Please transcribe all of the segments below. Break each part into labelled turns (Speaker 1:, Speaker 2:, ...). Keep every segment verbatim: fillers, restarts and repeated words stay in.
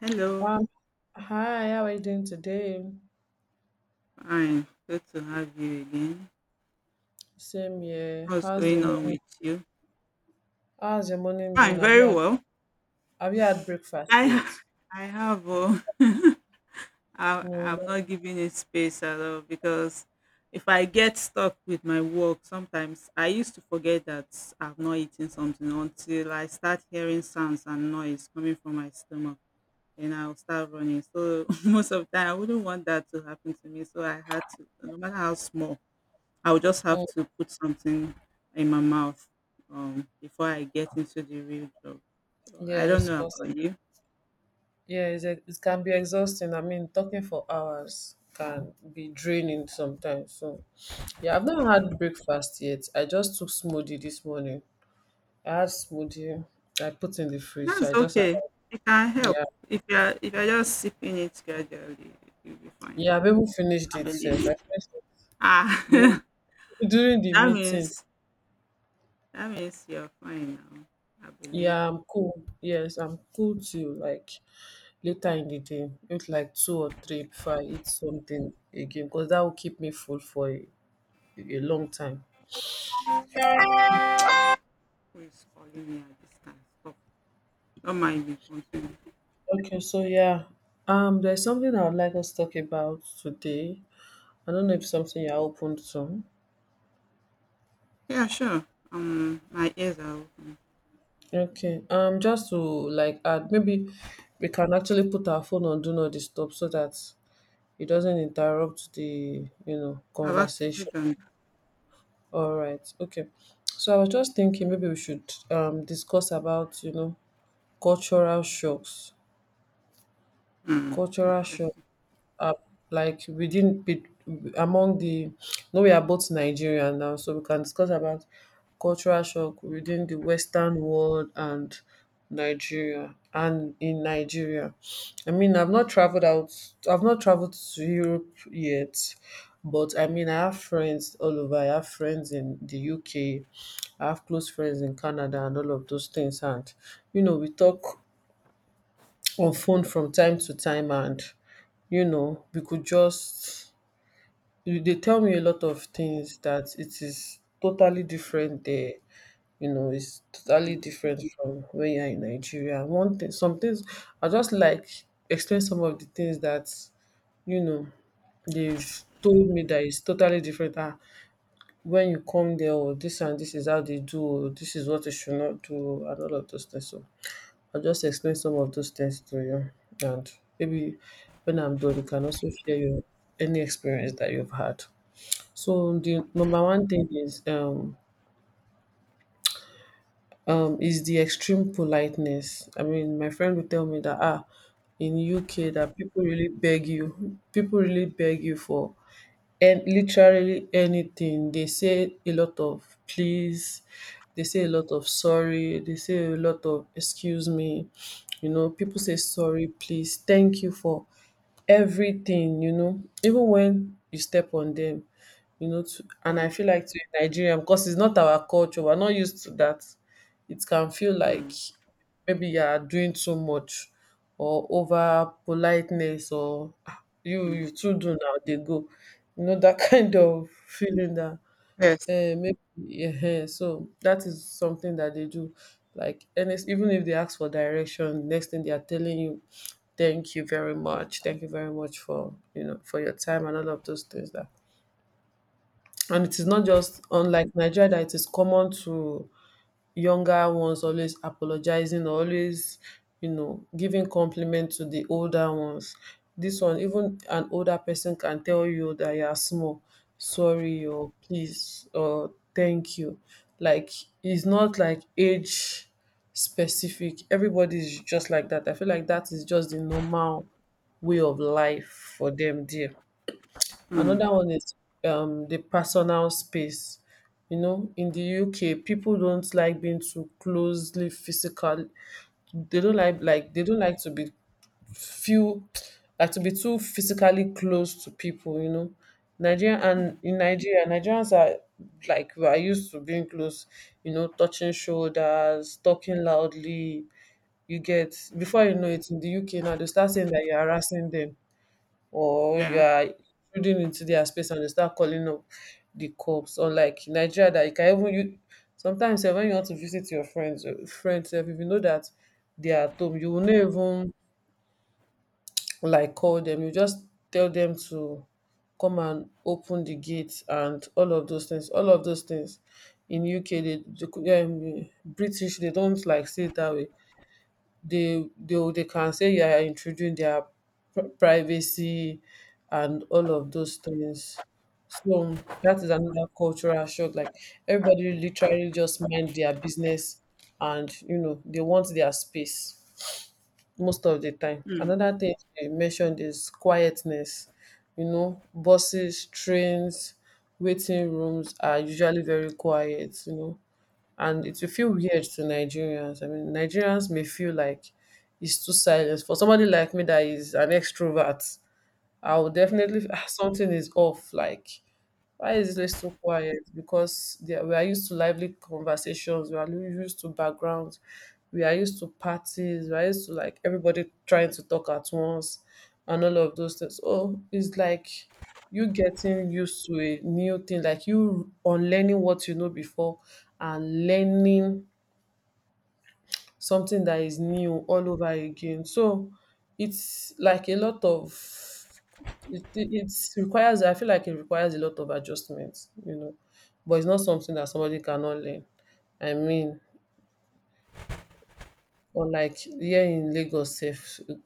Speaker 1: Hello,
Speaker 2: Um, hi, how are you doing today?
Speaker 1: fine. Good to have you again.
Speaker 2: Same here.
Speaker 1: What's
Speaker 2: How's your
Speaker 1: going on
Speaker 2: morning?
Speaker 1: with you?
Speaker 2: How's your morning been?
Speaker 1: Fine,
Speaker 2: Have you
Speaker 1: very
Speaker 2: had
Speaker 1: well.
Speaker 2: Have you had breakfast
Speaker 1: I ha-
Speaker 2: yet?
Speaker 1: I have uh, I
Speaker 2: No, no.
Speaker 1: I'm not giving it space at all because if I get stuck with my work, sometimes I used to forget that I've not eaten something until I start hearing sounds and noise coming from my stomach, and I'll start running. So most of the time, I wouldn't want that to happen to me. So I had to, no matter how small. I'll just have
Speaker 2: Mm.
Speaker 1: to put something in my mouth um, before I get into the real job. So I don't
Speaker 2: Yes,
Speaker 1: know
Speaker 2: 'cause
Speaker 1: about you.
Speaker 2: yeah, it's, e- it can be exhausting. I mean, talking for hours can be draining sometimes. So, yeah, I've not had breakfast yet. I just took smoothie this morning. I had smoothie. I put in the fridge, so
Speaker 1: That's
Speaker 2: I just had,
Speaker 1: okay. It can help.
Speaker 2: yeah,
Speaker 1: If you're if you're just sipping it gradually, you'll be fine.
Speaker 2: yeah. I've even finished
Speaker 1: I
Speaker 2: it. Self, I
Speaker 1: believe.
Speaker 2: finished it during,
Speaker 1: Ah,
Speaker 2: during the
Speaker 1: that
Speaker 2: meeting.
Speaker 1: means that means you're fine now. I believe
Speaker 2: Yeah, I'm cool. Yes, I'm cool till like later in the day, maybe like two or three before I eat something again, because that will keep me full for a, a long time.
Speaker 1: who is calling me at this time. Stop. Don't mind me. Continue.
Speaker 2: Okay, so yeah, um, there's something I would like us to talk about today. I don't know if something you're open to.
Speaker 1: Yeah, sure. Um, my ears are open.
Speaker 2: Okay, um, just to like add, maybe we can actually put our phone on do not disturb so that it doesn't interrupt the you know
Speaker 1: I've actually
Speaker 2: conversation.
Speaker 1: done
Speaker 2: All right. Okay. So I was just thinking maybe we should um discuss about, you know, cultural shocks.
Speaker 1: that. Hmm.
Speaker 2: Cultural shock,
Speaker 1: Interesting.
Speaker 2: uh, like within be- among the no, we are both Nigerian now, so we can discuss about cultural shock within the Western world and Nigeria and in Nigeria. I mean, I've not traveled out. I've not traveled to Europe yet, but I mean, I have friends all over. I have friends in the U K. I have close friends in Canada and all of those things. And, you know, we talk on phone from time to time, and you know we could just you- they tell me a lot of things that it is totally different there. You know it's totally
Speaker 1: Hmm.
Speaker 2: different from when you're in Nigeria. One thing, some things I just like explain some of the things that, you know they've told me that it's totally different. Ah, when you come there, or this, and this is how they do, or this is what you should not do, and all of those things. So I'll just explain some of those things to you. And maybe when I'm done, you can also share your any experience that you've had. So the number one thing is um um is the extreme politeness. I mean, my friend would tell me that, ah in U K, that people really beg you, people really beg you for and literally anything. They say a lot of please, they say a lot of sorry, they say a lot of excuse me. You know, people say sorry, please, thank you for everything, you know, even when you step on them, you know, to, and I
Speaker 1: Hmm.
Speaker 2: feel like to a Nigerian, because it's not our culture, we're not used to that. It can feel
Speaker 1: Hmm.
Speaker 2: like maybe you are doing too much, or over politeness, or, "Ah, you
Speaker 1: Hmm.
Speaker 2: you too do now they go, you know, that" kind
Speaker 1: Mm.
Speaker 2: of feeling that,
Speaker 1: Yes.
Speaker 2: eh, maybe yeah. So that is something that they do. Like, and it's, even if they ask for direction, next thing they are telling you thank you very much, thank you very much for, you know for your time, and all of those things. That, and it is not just unlike Nigeria, that it is common to younger ones always apologizing, always, you know giving compliment to the older ones. This one, even an older person can tell you that you are small, sorry or please or thank you. Like, it's not like age specific. Everybody is just like that. I feel like that is just the normal way of life for them there.
Speaker 1: Mm.
Speaker 2: Another one is um the personal space. You know, in the U K, people don't like being too closely physical. They don't like, like they don't like to be feel like to be too physically close to people, you know. Nigeria
Speaker 1: Mm.
Speaker 2: and in Nigeria, Nigerians are like we are used to being close, you know, touching shoulders, talking loudly. You get, before you know it, in the U K now, they start saying that you're harassing them or you
Speaker 1: Yeah.
Speaker 2: are intruding into their space, and you start calling up the cops. Unlike in Nigeria, that you can even, you sometimes sef when you want to visit your friends, uh, friends sef, if you know that they are at home, you will not even like call them. You just tell them to come and open the gate and all of those things. All of those things in U K, they, they um, British, they don't like say it that way. They they they can say you are intruding their pri- privacy and all of those things. So that is another cultural shock. Like, everybody literally just mind their business, and you know they want their space most of the time.
Speaker 1: Mm.
Speaker 2: Another thing they mentioned is quietness. You know, buses, trains, waiting rooms are usually very quiet. You know, and it will feel weird to Nigerians. I mean, Nigerians may feel like it's too silent. For somebody like me that is an extrovert, I will definitely feel, "Ah, something is off. Like, why is it so quiet?" Because there, we are used to lively conversations. We are used to backgrounds. We are used to parties. We are used to like everybody trying to talk at once and all of those things. Oh, it's like you getting used to a new thing, like you unlearning what you know before and learning something that is new all over again. So it's like a lot of it, it, it's requires I feel like it requires a lot of adjustments, you know. But it's not something that somebody cannot learn. I mean, or like here in Lagos sef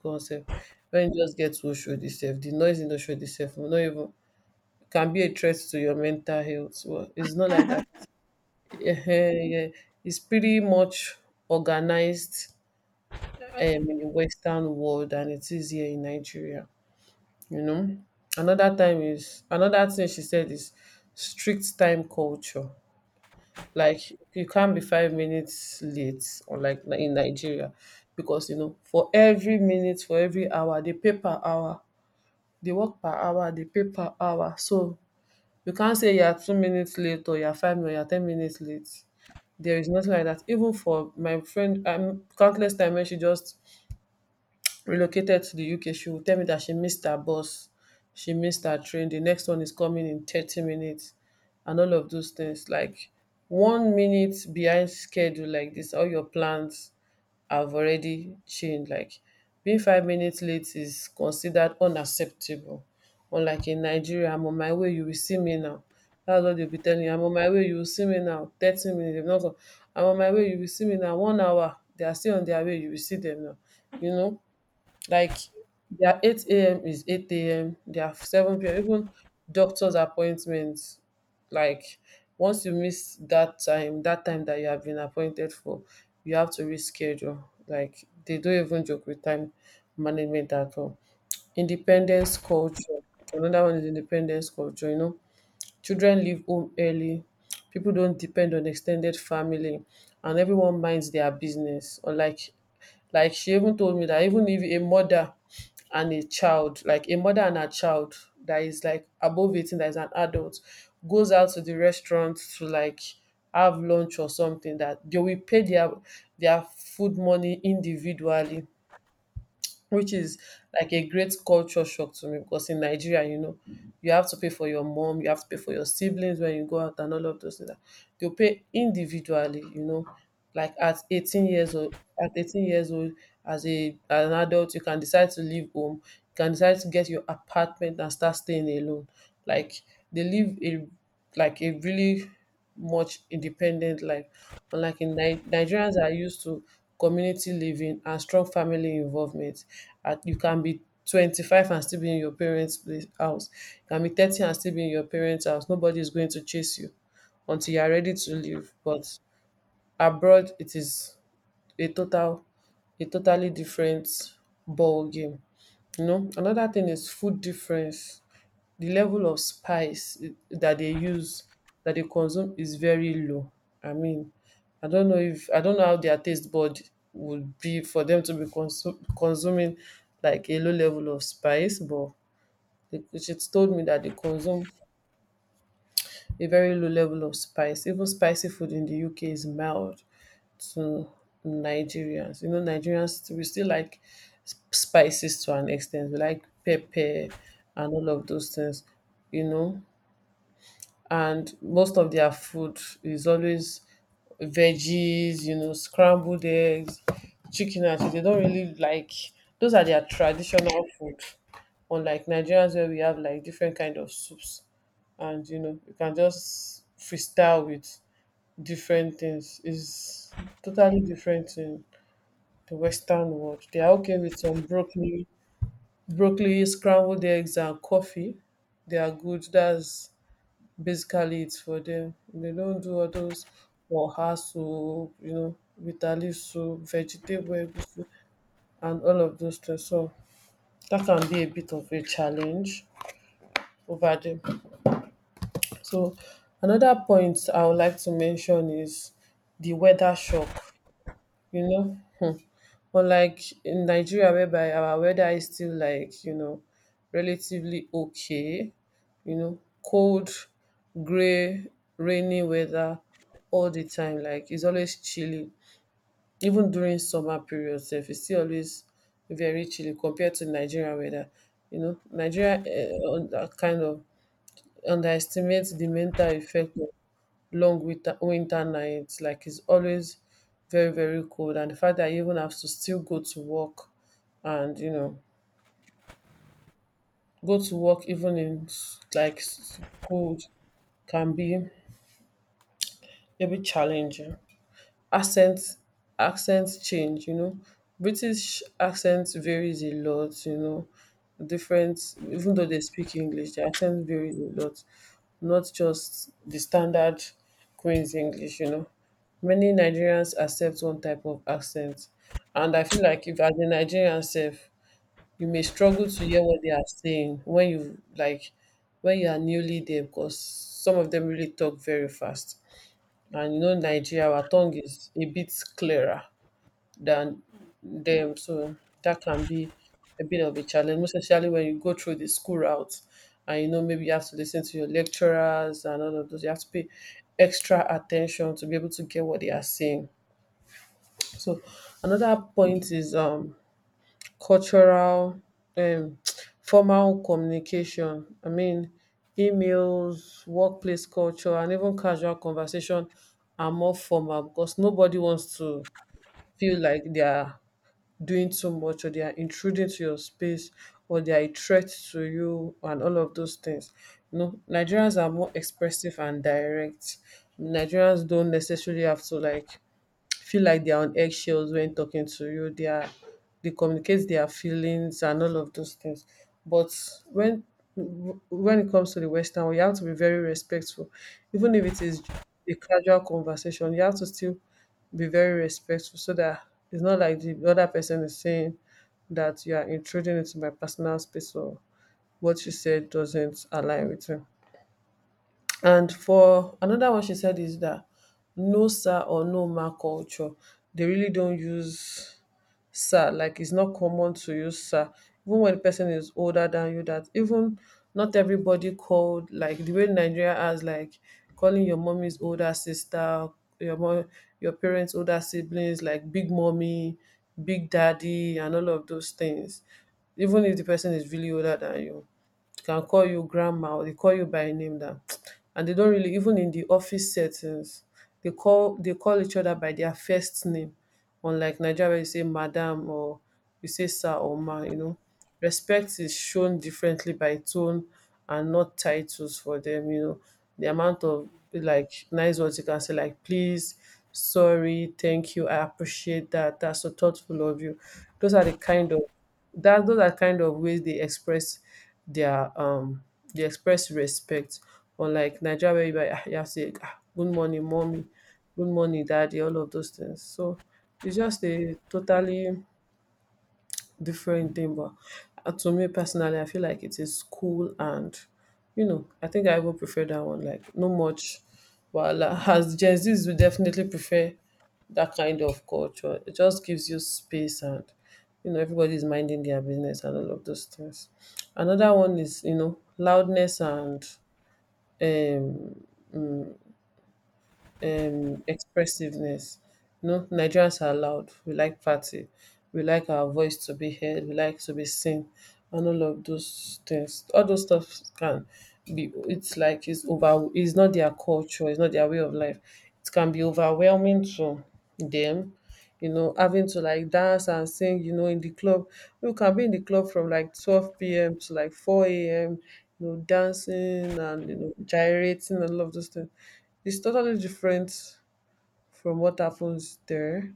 Speaker 2: concept, when you just get to Oshodi sef, the noise in Oshodi sef will not even can be a threat to your mental health. Well, it's not like that. Ehen, yeah. It's pretty much organized, um, in the Western world than it is here in Nigeria. You know, another time is another thing she said is strict time culture. Like, you can't be five minutes late, or like ni- in Nigeria, because you know for every minute, for every hour, they pay per hour. They work per hour. They pay per hour. So you can't say you're two minutes late or you're five or you're ten minutes late, there is nothing like that. Even for my friend, um, countless times when she just relocated to the U K, she will tell me that she missed her bus, she missed her train, the next one is coming in thirty minutes, and all of those things. Like, one minute behind schedule, like this, all your plans have already changed. Like, being five minutes late is considered unacceptable. Unlike in Nigeria, "I'm on my way, you will see me now." That's what they'll be telling you. "I'm on my way, you will see me now." thirty minutes, they've not come. "I'm on my way, you will see me now." One hour, they are still on their way, you will see them now. You know, like, their eight a m is eight a m, their seven p m, even doctor's appointments. Like, once you miss that time, that time that you have been appointed for, you have to reschedule. Like, they don't even joke with time management at all. Independence culture. Another one is independence culture, you know. Children leave home early. People don't depend on extended family, and everyone minds their business. Unlike, like she even told me that even if a mother and a child, like a mother and a child that is like above eighteen, that is an adult, goes out to the restaurant to like have lunch or something, that they will pay their their food money individually, which is like a great culture shock to me, because in Nigeria, you know, you have to pay for your mom, you have to pay for your siblings when you go out and all of those things. They'll pay individually, you know, like at eighteen years old, at eighteen years old, as a as an adult, you can decide to leave home, you can decide to get your apartment and start staying alone. Like, they live a, like a really much independent life. Unlike in Ni- Nigerians are used to community living and strong family involvement. At you can be twenty-five and still be in your parents' place, house. You can be thirty and still be in your parents' house. Nobody is going to chase you until you are ready to leave. But abroad, it is a total a totally different ball game. You know, another thing is food difference. The level of spice i- that they use, that they consume is very low. I mean, I don't know if I don't know how their taste bud would be for them to be consum- consuming like a low level of spice, but it- it's told me that they consume a very low level of spice. Even spicy food in the U K is mild to Nigerians. You know, Nigerians we still like s- spices to an extent. We like pepper and all of those things, you know. And most of their food is always veggies, you know, scrambled eggs, chicken and shit. They don't really like those are their traditional food. Unlike Nigerians where we have like different kind of soups and you know, you can just freestyle with different things. It's totally different in the Western world. They are okay with some broccoli, broccoli, scrambled eggs, and coffee. They are good. That's basically it for them. They don't do all those oha soup, you know, bitter leaf soup, vegetable egusi, and all of those things. So that can be a bit of a challenge over them. So another point I would like to mention is the weather shock. You know, unlike in Nigeria whereby our weather is still like, you know, relatively okay, you know, cold, grey, rainy weather all the time. Like it's always chilly. Even during summer period sef, it's still always very chilly compared to Nigeria weather. You know, Nigeria um kind of underestimates the mental effect long winter winter night. Like it's always very, very cold. And the fact that you even have to still go to work and, you know, go to work even in s- like s- cold can be a bit challenging. accent Accent change, you know, british accent varies a lot, you know, different. Even though they speak english, the accent varies a lot, not just the standard queen's english, you know. Many nigerians accept one type of accent, and I feel like if as a nigerian self, you may struggle to hear what they are saying when you like when you are newly there, because some of them really talk very fast. And you know, Nigeria, our tongue is a bit clearer than them. So that can be a bit of a challenge, most especially when you go through the school route and you know, maybe you have to listen to your lecturers and all of those. You have to pay extra attention to be able to get what they are saying. So another point is um cultural um formal communication. I mean, emails, workplace culture and even casual conversation are more formal because nobody wants to feel like they are doing too much, or they are intruding to your space, or they are a threat to you and all of those things. You know, Nigerians are more expressive and direct. Nigerians don't necessarily have to like feel like they're on eggshells when talking to you. They are they communicate their feelings and all of those things. But when when it comes to the Western, we have to be very respectful, even if it is a casual conversation. You have to still be very respectful so that it's not like the other person is saying that you are intruding into my personal space, or what you said doesn't align with me. And for another one she said is that no sir or no ma culture. They really don't use sir. Like it's not common to use sir. Even when the person is older than you, that even not everybody called like the way Nigeria has like calling your mommy's older sister, your mom, your parents' older siblings, like big mommy, big daddy, and all of those things. Even if the person is really older than you, can call you grandma, or they call you by a name. That, and they don't really, even in the office settings they call they call each other by their first name, unlike Nigeria where you say madam, or you say sir or ma, you know. Respect is shown differently by tone and not titles for them, you know. The amount of like nice words you can say like please, sorry, thank you, I appreciate that. That's so thoughtful of you. Those are the kind of that those are kind of ways they express their um they express respect. Unlike Nigeria where you, you have to say, "Ah, good morning, mommy, good morning, daddy," all of those things. So it's just a totally different thing, but uh, to me personally, I feel like it is cool, and you know, I think I will prefer that one. Like no much well as Gen Z's will definitely prefer that kind of culture. It just gives you space, and you know, everybody's minding their business and all of those things. Another one is, you know, loudness and um um, expressiveness. You know, Nigerians are loud. We like party. We like our voice to be heard. We like to be seen, and all of those things. All those stuff can be. It's like it's over. It's not their culture. It's not their way of life. It can be overwhelming to them, you know, having to like dance and sing, you know, in the club. You can be in the club from like twelve p m to like four a m, you know, dancing and, you know, gyrating and all of those things. It's totally different from what happens there.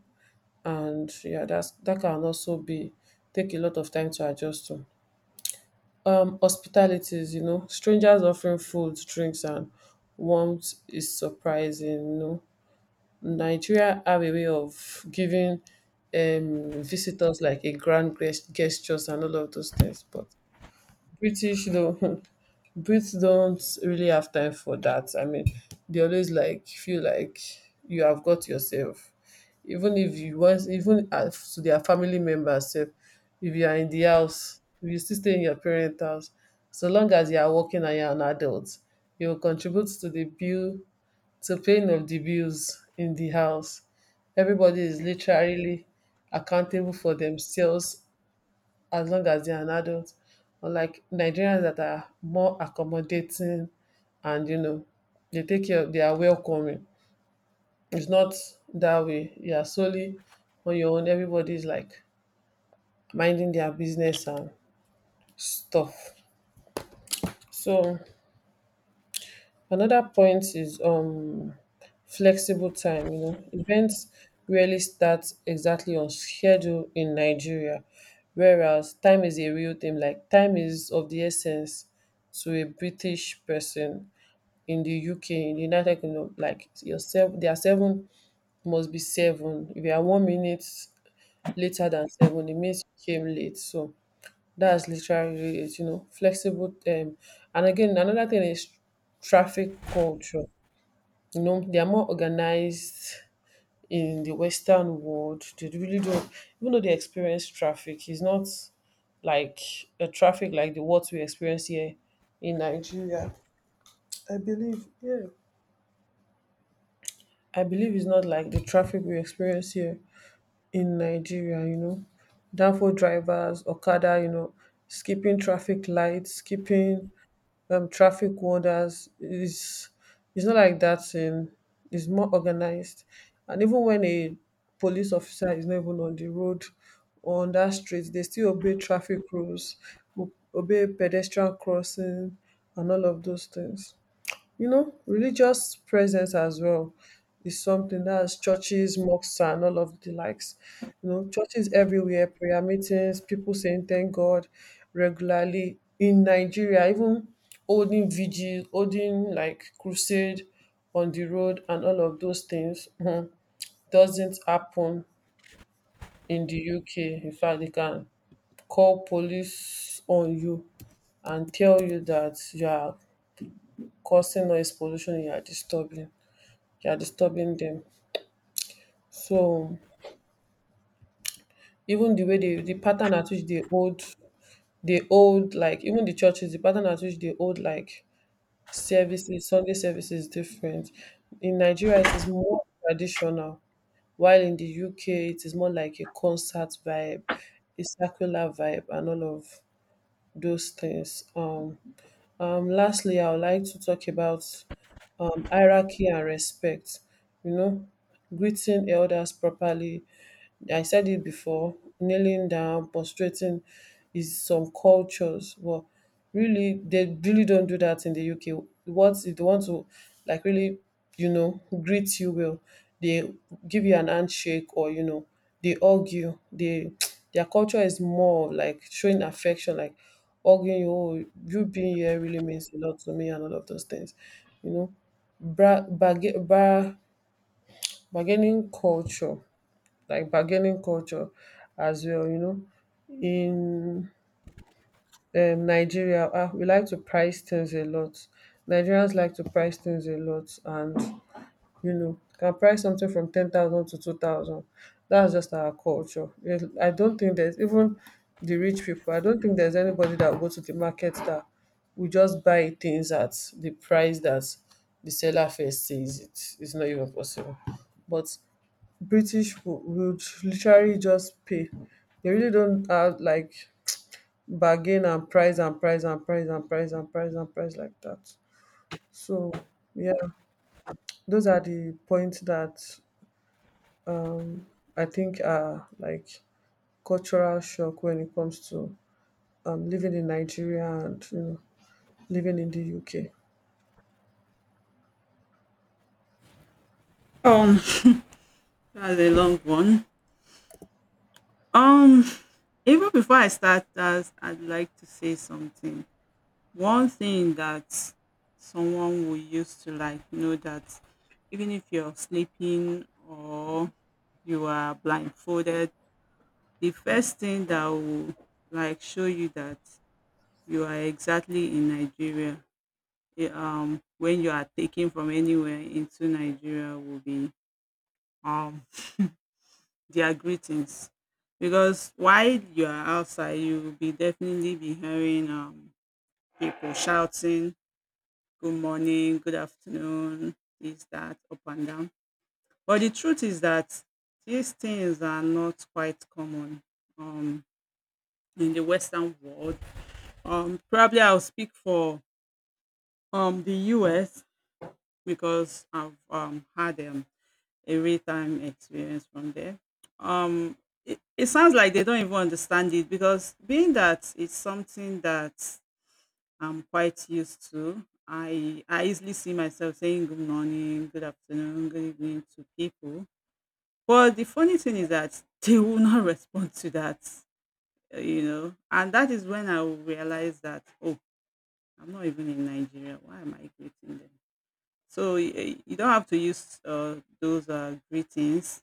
Speaker 2: And yeah, that's that can also be take a lot of time to adjust to. Um, hospitalities, you know, strangers offering food, drinks, and warmth is surprising. You know, Nigeria have a way of giving um, visitors like a grand gest- gestures and all of those things, but British don't Brits don't really have time for that. I mean, they always like feel like you have got yourself, even if you want, even as to their family members, sef, if you are in the house, if you still stay in your parents' house, so long as you are working and you are an adult, you will contribute to the bill to paying of the bills in the house. Everybody is
Speaker 1: Yes.
Speaker 2: literally accountable for themselves as long as they are an adult. Unlike Nigerians that are more accommodating, and you know they take care of they are welcoming. It's not that way. You are solely on your own. Everybody is like minding their business and stuff. So another point is um flexible time. You know, events rarely start exactly on schedule in nigeria, whereas time is a real thing. Like time is of the essence to a british person in the uk, in the united kingdom. Like yourself, there are seven, must be seven. If you are one minute later than seven, it means you came late. So that's literally it, you know, flexible time. And again, another thing is traffic culture. You know, they are more organized in the Western world. They really don't, even though they experience traffic, it's not like a traffic like the what we experience here in Nigeria. I believe, yeah. I believe it's not like the traffic we experience here in Nigeria, you know. Downfall drivers, Okada, you know, skipping traffic lights, skipping um traffic wonders is, it's not like that in, it's more organized. And even when a police officer is not even on the road or on that street, they still obey traffic rules, o- obey pedestrian crossing and all of those things. You know, religious presence as well is something that's churches, mosques, and all of the likes. You know, churches everywhere, prayer meetings, people saying thank God regularly in Nigeria, even holding vigil, holding like crusade on the road, and all of those things, mhm, doesn't happen in the U K. In fact, they can call police on you and tell you that you are causing noise pollution, you are disturbing you are disturbing them. So even the way they the pattern at which they hold they hold, like even the churches, the pattern at which they hold like services, Sunday services is different. In Nigeria it is more traditional, while in the U K it is more like a concert vibe, a circular vibe and all of those things. Um um lastly I would like to talk about um hierarchy and respect. You know, greeting elders properly, I said it before, kneeling down, prostrating is some cultures, but really they really don't do that in the U K. What if they want to like really, you know, greet you well, they give you an handshake, or you know, they hug you. They Their culture is more of like showing affection, like hugging you. Oh, you being here really means a lot to me and all of those things. You know. Bra, barga- bra, Bargaining culture like bargaining culture as well, you know. In um, Nigeria, ah, we like to price things a lot. Nigerians like to price things a lot, and you know, can price something from ten thousand to two thousand. That's just our culture. It, I don't think there's even the rich people. I don't think there's anybody that will go to the market that will just buy things at the price that the seller first says it. It's not even possible. But British wo- would literally just pay. They really don't have like bargain and price and price and price and price and price and price like that. So yeah, those are the points that I think are like cultural shock when it comes to um, living in Nigeria and you know living in the U K.
Speaker 1: Um, that's a long one. Um, even before I start that, I'd like to say something. One thing that someone will use to, like, know, that even if you're sleeping or you are blindfolded, the first thing that will like show you that you are exactly in Nigeria, eh, um, when you are taken from anywhere into Nigeria will be um their greetings, because while you are outside you will be definitely be hearing um people shouting good morning, good afternoon, this, that, up and down. But the truth is that these things are not quite common um in the Western world. Um probably I'll speak for um the US, because I've um had them a real time experience from there. Um, it, it sounds like they don't even understand it, because being that it's something that I'm quite used to, I I easily see myself saying good morning, good afternoon, good evening to people. But the funny thing is that they will not respond to that, uh, you know, and that is when I will realize that, oh, I'm not even in Nigeria. Why am I greeting them? So y- y- you don't have to use uh, those uh, greetings,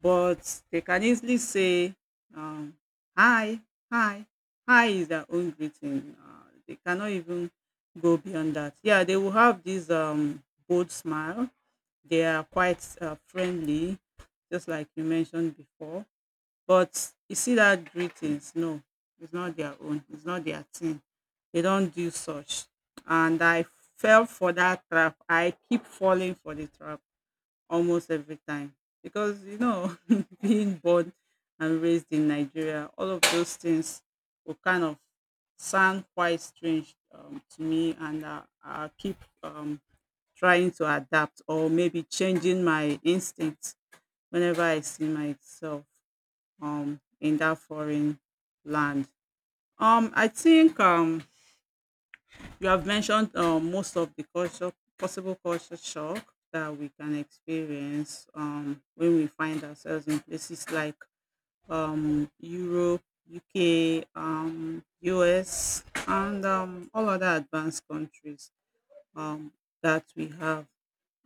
Speaker 1: but they can easily say, um, "Hi, hi, hi" is their own greeting. Uh, they cannot even go beyond that. Yeah, they will have this um, bold smile. They are quite uh, friendly, just like you mentioned before. But you see that greetings, no, it's not their own. It's not their thing. They don't do such. And I fell for that trap. I keep falling for the trap almost every time because you know being born and raised in nigeria, all of those things will kind of sound quite strange um, to me, and uh, i keep um, trying to adapt or maybe changing my instincts whenever I see myself um, in that foreign land. Um, i think um, you have mentioned um, most of the culture, possible culture shock that we can experience um, when we find ourselves in places like um, Europe, U K, um, U S, and um, all other advanced countries um, that we have.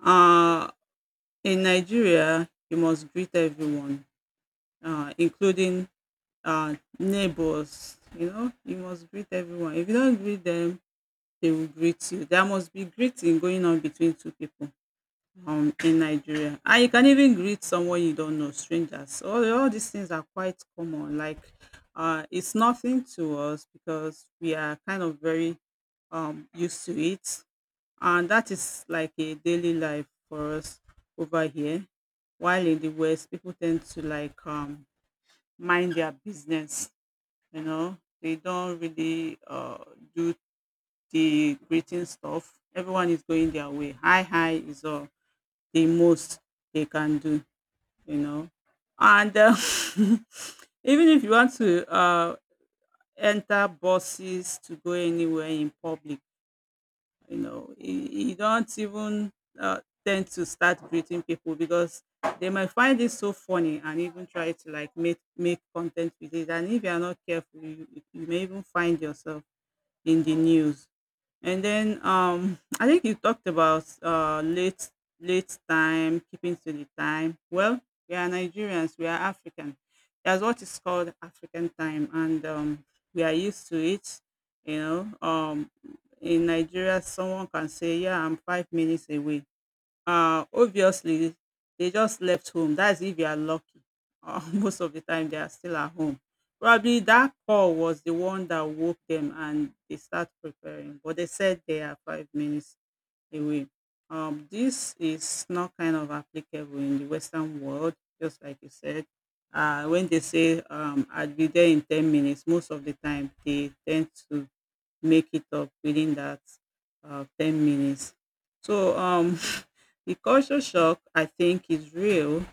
Speaker 1: Uh, in Nigeria, you must greet everyone, uh, including uh, neighbors. You know, you must greet everyone. If you don't greet them, they will greet you. There must be greeting going on between two people um, in Nigeria. And you can even greet someone you don't know, strangers. All, all these things are quite common. Like, uh, it's nothing to us because we are kind of very um, used to it. And that is like a daily life for us over here. While in the West, people tend to like um, mind their business. You know, they don't really uh, do the greeting stuff. Everyone is going their way. Hi, hi is all the most they can do, you know. And uh, even if you want to uh, enter buses to go anywhere in public, you know, you, you don't even uh, tend to start greeting people because they might find it so funny and even try to like make make content with it. And if you are not careful, you, you may even find yourself in the news. And then um, I think you talked about uh, late late time, keeping to the time. Well, we are Nigerians, we are African. That's what is called African time, and um, we are used to it. You know, um, in Nigeria, someone can say, "Yeah, I'm five minutes away." Uh, obviously, they just left home. That's if you are lucky. Uh, most of the time, they are still at home. Probably that call was the one that woke them and they start preparing. But they said they are five minutes away. Um, this is not kind of applicable in the Western world, just like you said. Uh, when they say um, I'll be there in ten minutes, most of the time they tend to make it up within that uh, ten minutes. So, um, the culture shock, I think, is real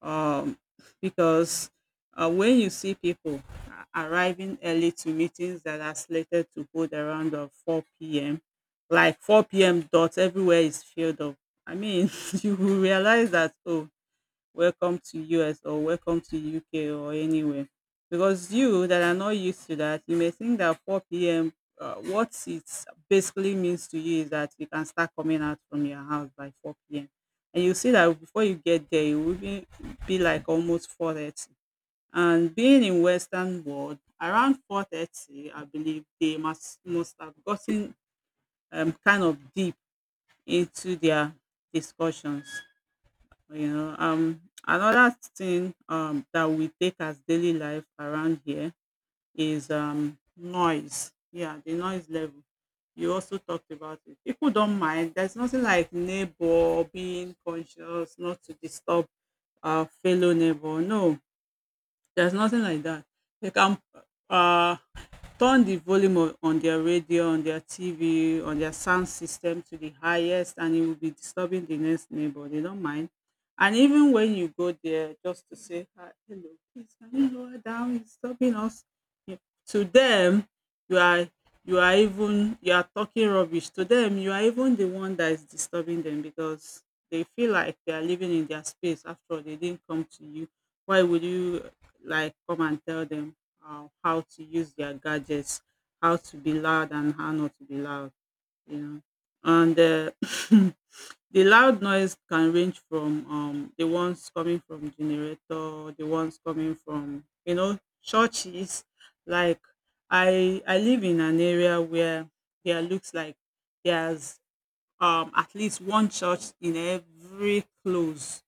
Speaker 1: um, because uh, when you see people a- arriving early to meetings that are slated to hold around of four p m, like four p m dot everywhere is filled up. I mean, you will realize that, oh, welcome to U S or welcome to U K or anywhere. Because you that are not used to that, you may think that four p m, uh, what it basically means to you is that you can start coming out from your house by four p m. And you see that before you get there, it will be, be like almost four thirty. And being in Western world, around four thirty, I believe they must, must have gotten um, kind of deep into their discussions. You know, um, another thing um, that we take as daily life around here is um, noise. Yeah, the noise level. You also talked about it. People don't mind. There's nothing like neighbor being conscious not to disturb our fellow neighbor. No, there's nothing like that. They can uh, turn the volume o- on their radio, on their T V, on their sound system to the highest, and it will be disturbing the next neighbor. They don't mind. And even when you go there just to say, "Hi, hello, please can you lower down? It's disturbing us." Yeah. To them, you are you are even you are talking rubbish. To them, you are even the one that is disturbing them, because they feel like they are living in their space. After all, they didn't come to you. Why would you like come and tell them uh, how to use their gadgets, how to be loud and how not to be loud, you know. And uh, the loud noise can range from um, the ones coming from generator, the ones coming from, you know, churches. Like I, I live in an area where there looks like there's um at least one church in every close,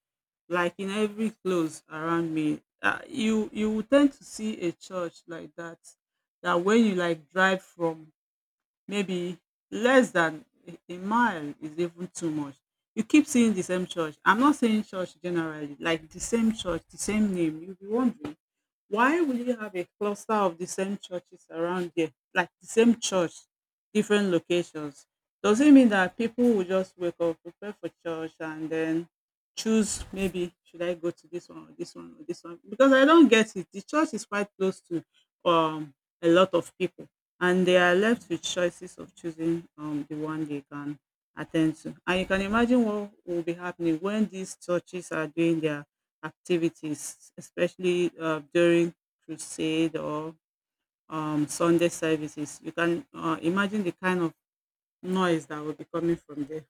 Speaker 1: like in every close around me, uh, you you will tend to see a church like that, that when you like drive from maybe less than a a mile is even too much. You keep seeing the same church. I'm not saying church generally, like the same church, the same name. You'll be wondering, why will you have a cluster of the same churches around here? Like the same church, different locations. Does it mean that people will just wake up, prepare for church, and then choose, maybe should I go to this one or this one or this one? Because I don't get it. The church is quite close to um a lot of people, and they are left with choices of choosing um, the one they can attend to. And you can imagine what will be happening when these churches are doing their activities, especially uh, during crusade or um, Sunday services. You can uh, imagine the kind of noise that will be coming from there.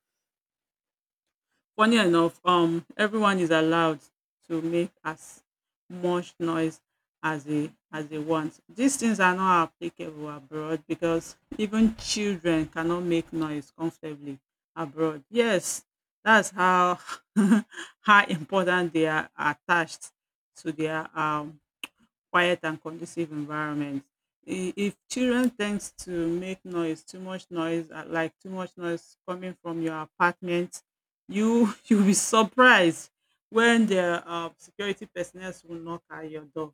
Speaker 1: Funny enough, um, everyone is allowed to make as much noise as they as they want. These things are not applicable abroad, because even children cannot make noise comfortably abroad. Yes, that's how how important they are attached to their um quiet and conducive environment. I- If children tends to make noise, too much noise, uh, like too much noise coming from your apartment, you you'll be surprised when the uh, security personnel will knock at your door.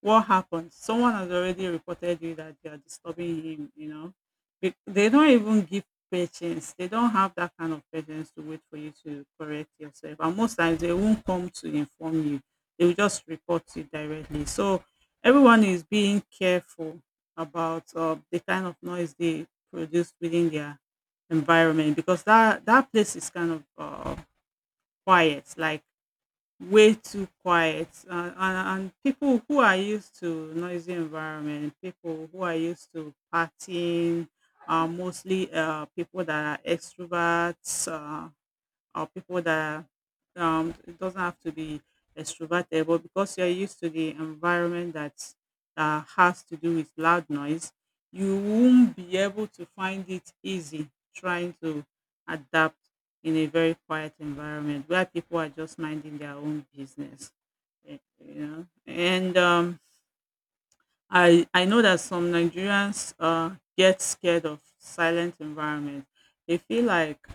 Speaker 1: What happened? Someone has already reported you that they are disturbing him, you know. Be- They don't even give patience. They don't have that kind of patience to wait for you to correct yourself. And most times they won't come to inform you. They will just report you directly. So everyone is being careful about uh, the kind of noise they produce within their environment, because that that place is kind of uh, quiet. Like way too quiet and, and, and people who are used to noisy environment people who are used to partying are mostly uh, people that are extroverts uh, or people that um it doesn't have to be extroverted, but because you're used to the environment that uh, has to do with loud noise, you won't be able to find it easy trying to adapt in a very quiet environment where people are just minding their own business. eh, You know, and um, I I know that some Nigerians uh, get scared of silent environment. They feel like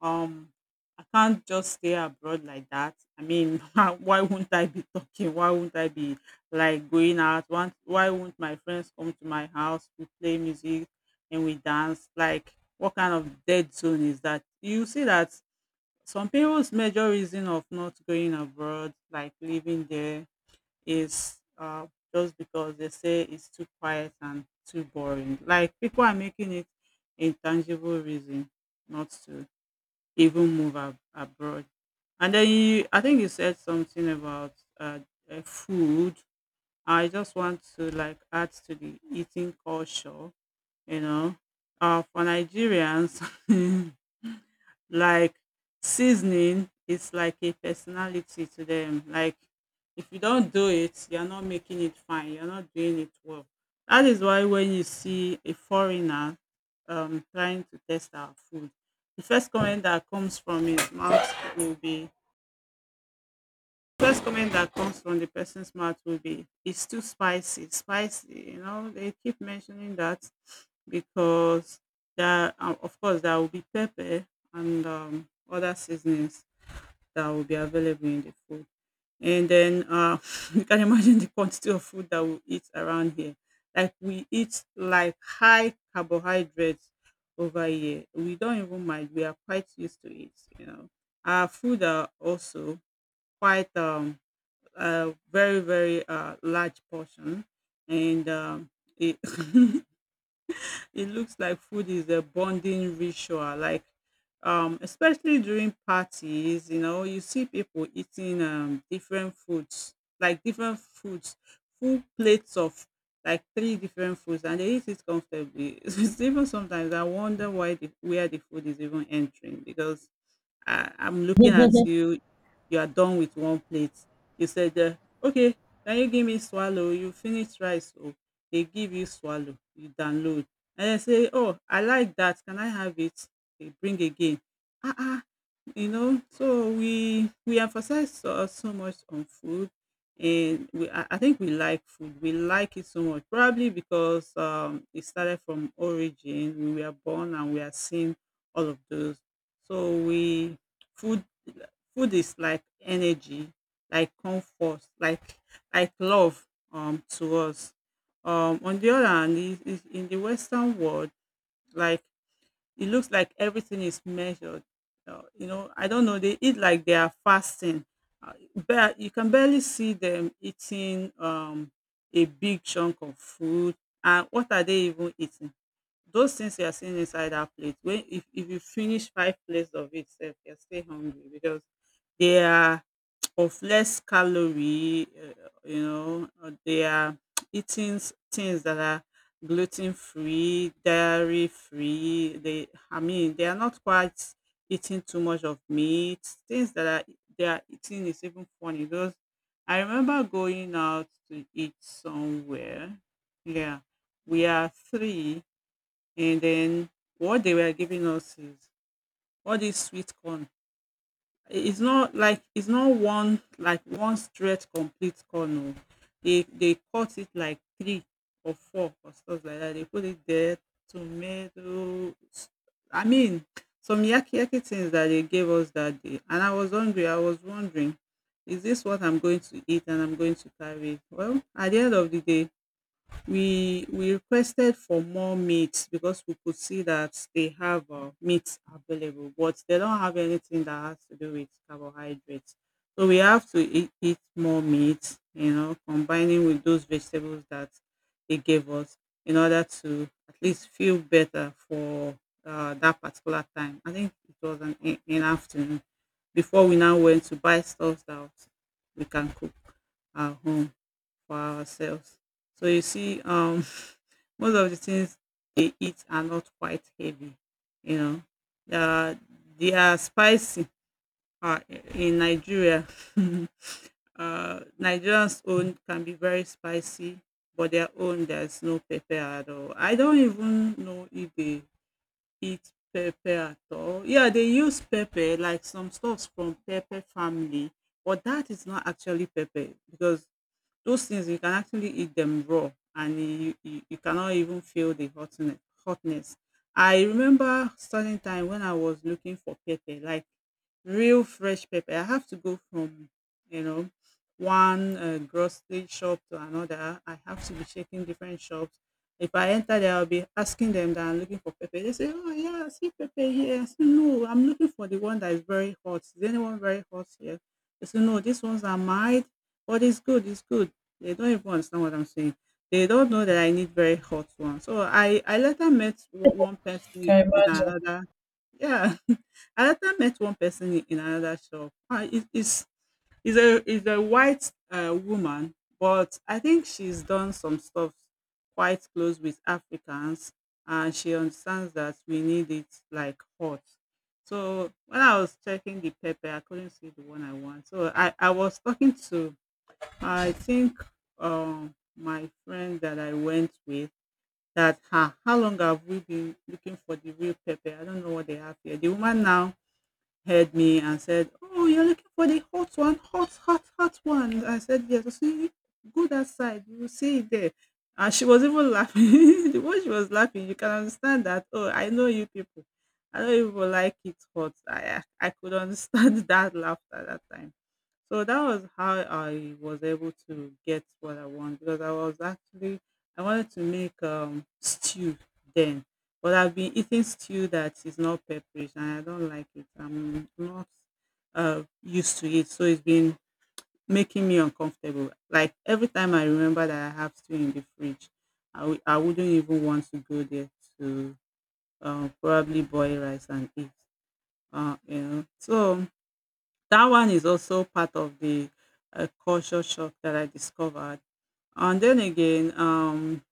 Speaker 1: um, I can't just stay abroad like that. I mean, why won't I be talking? Why won't I be like going out? Why why won't my friends come to my house? We play music and we dance. Like, what kind of dead zone is that? You see that some people's major reason of not going abroad, like living there, is uh, just because they say it's too quiet and too boring. Like, people are making it a tangible reason not to. Even move ab abroad. And then you I think you said something about, uh, uh, food. I just want to, like, add to the eating culture, you know. Uh, for Nigerians like seasoning is like a personality to them. Like if you don't do it you're not making it fine, you're not doing it well. That is why when you see a foreigner um trying to test our food, the first comment that comes from his mouth will be First comment that comes from the person's mouth will be, "It's too spicy, spicy." You know, they keep mentioning that because there, uh, of course, there will be pepper and um, other seasonings that will be available in the food. And then uh, you can imagine the quantity of food that we eat around here. Like we eat like high carbohydrates over here. We don't even mind. We are quite used to it. You know, our food are also quite um a very very uh, large portion and um, it it looks like food is a bonding ritual. Like um, especially during parties, you know, you see people eating um, different foods, like different foods, full plates of like three different foods, and they eat it comfortably. It's even sometimes I wonder why the, where the food is even entering, because I I'm looking at you, you are done with one plate." You said, uh, "Okay, can you give me swallow? You finished rice oh." They give you swallow, you download, and then say, "Oh, I like that, can I have it?" They bring again. Ah ah! You know, so we we emphasize so, uh, so much on food, and we I, I think we like food, we like it so much, probably because um it started from origin. We were born and we are seeing all of those. So we food, food is like energy, like comfort, like like love um to us. Um on the other hand, is is in the western world, like it looks like everything is measured. Uh, you know, I don't know. They eat like they are fasting. Uh, but you can barely see them eating um, a big chunk of food. And what are they even eating? Those things you are seeing inside our plate. When if, if you finish five plates of it, sef, you're still hungry because they are of less calorie, uh, you know, uh, they are eating s- things that are gluten free, dairy free. They, I mean, they are not quite eating too much of meat. Things that are they are eating is even funny. Those, I remember going out to eat somewhere. Yeah, we are three, and then what they were giving us is all these sweet corn. It's not like, it's not one like one straight complete corn oh. They they cut it like three or four or stuff like that. They put it there, tomato. s- I mean, some yaki yaki things that they gave us that day. And I was hungry. I was wondering, is this what I'm going to eat and I'm going to carry? Well, at the end of the day, we we requested for more meat because we could see that they have uh, meat available, but they don't have anything that has to do with carbohydrates. So we have to eat, eat more meat, you know, combining with those vegetables that they gave us in order to at least feel better for uh, that particular time. I think it was an, in in afternoon before we now went to buy stuff that we can cook at home for ourselves. So you see, um, most of the things they eat are not quite heavy, you know. Uh, they are spicy uh, in Nigeria. uh, Nigerians' own can be very spicy, but their own there's no pepper at all. I don't even know if they eat pepper at all. Yeah, they use pepper like some stuffs from pepper family, but that is not actually pepper because those things you can actually eat them raw and you, you, you cannot even feel the hotness hotness. I remember certain time when I was looking for pepper, like real fresh pepper. I have to go from you know one uh, grocery shop to another. I have to be checking different shops. If I enter there, I'll be asking them that I'm looking for pepper. They say, "Oh yeah, I see pepper here." I say, "No, I'm looking for the one that is very hot. Is anyone very hot here?" They say, "No, these ones are mild, but it's good. It's good." They don't even understand what I'm saying. They don't know that I need very hot one. So I I later met o- one person i- in another. Yeah, I later met one person i- in another shop. Uh, it, it's is a is a white uh, woman, but I think she's done some stuff quite close with Africans, and she understands that we need it like hot. So when I was checking the pepper, I couldn't see the one I want. So I, I was talking to I think um my friend that I went with that ha how long have we been looking for the real pepper? I don't know what they have here. The woman now heard me and said, "Oh, you're looking for the hot one, hot, hot, hot one." I said, "Yes." So see, go that side. You will see it there. And she was even laughing. The way she was laughing, you can understand that. Oh, I know you people. I know you people like it hot. I I could understand that laughter at that time. So that was how I was able to get what I want because I was actually I wanted to make um stew then. But I've been eating stew that is not pepperish and I don't like it. I'm not uh, used to it. So it's been making me uncomfortable. Like every time I remember that I have stew in the fridge, I w- I wouldn't even want to go there to uh, probably boil rice and eat. Uh, you know. So that one is also part of the uh, culture shock that I discovered. And then again, um,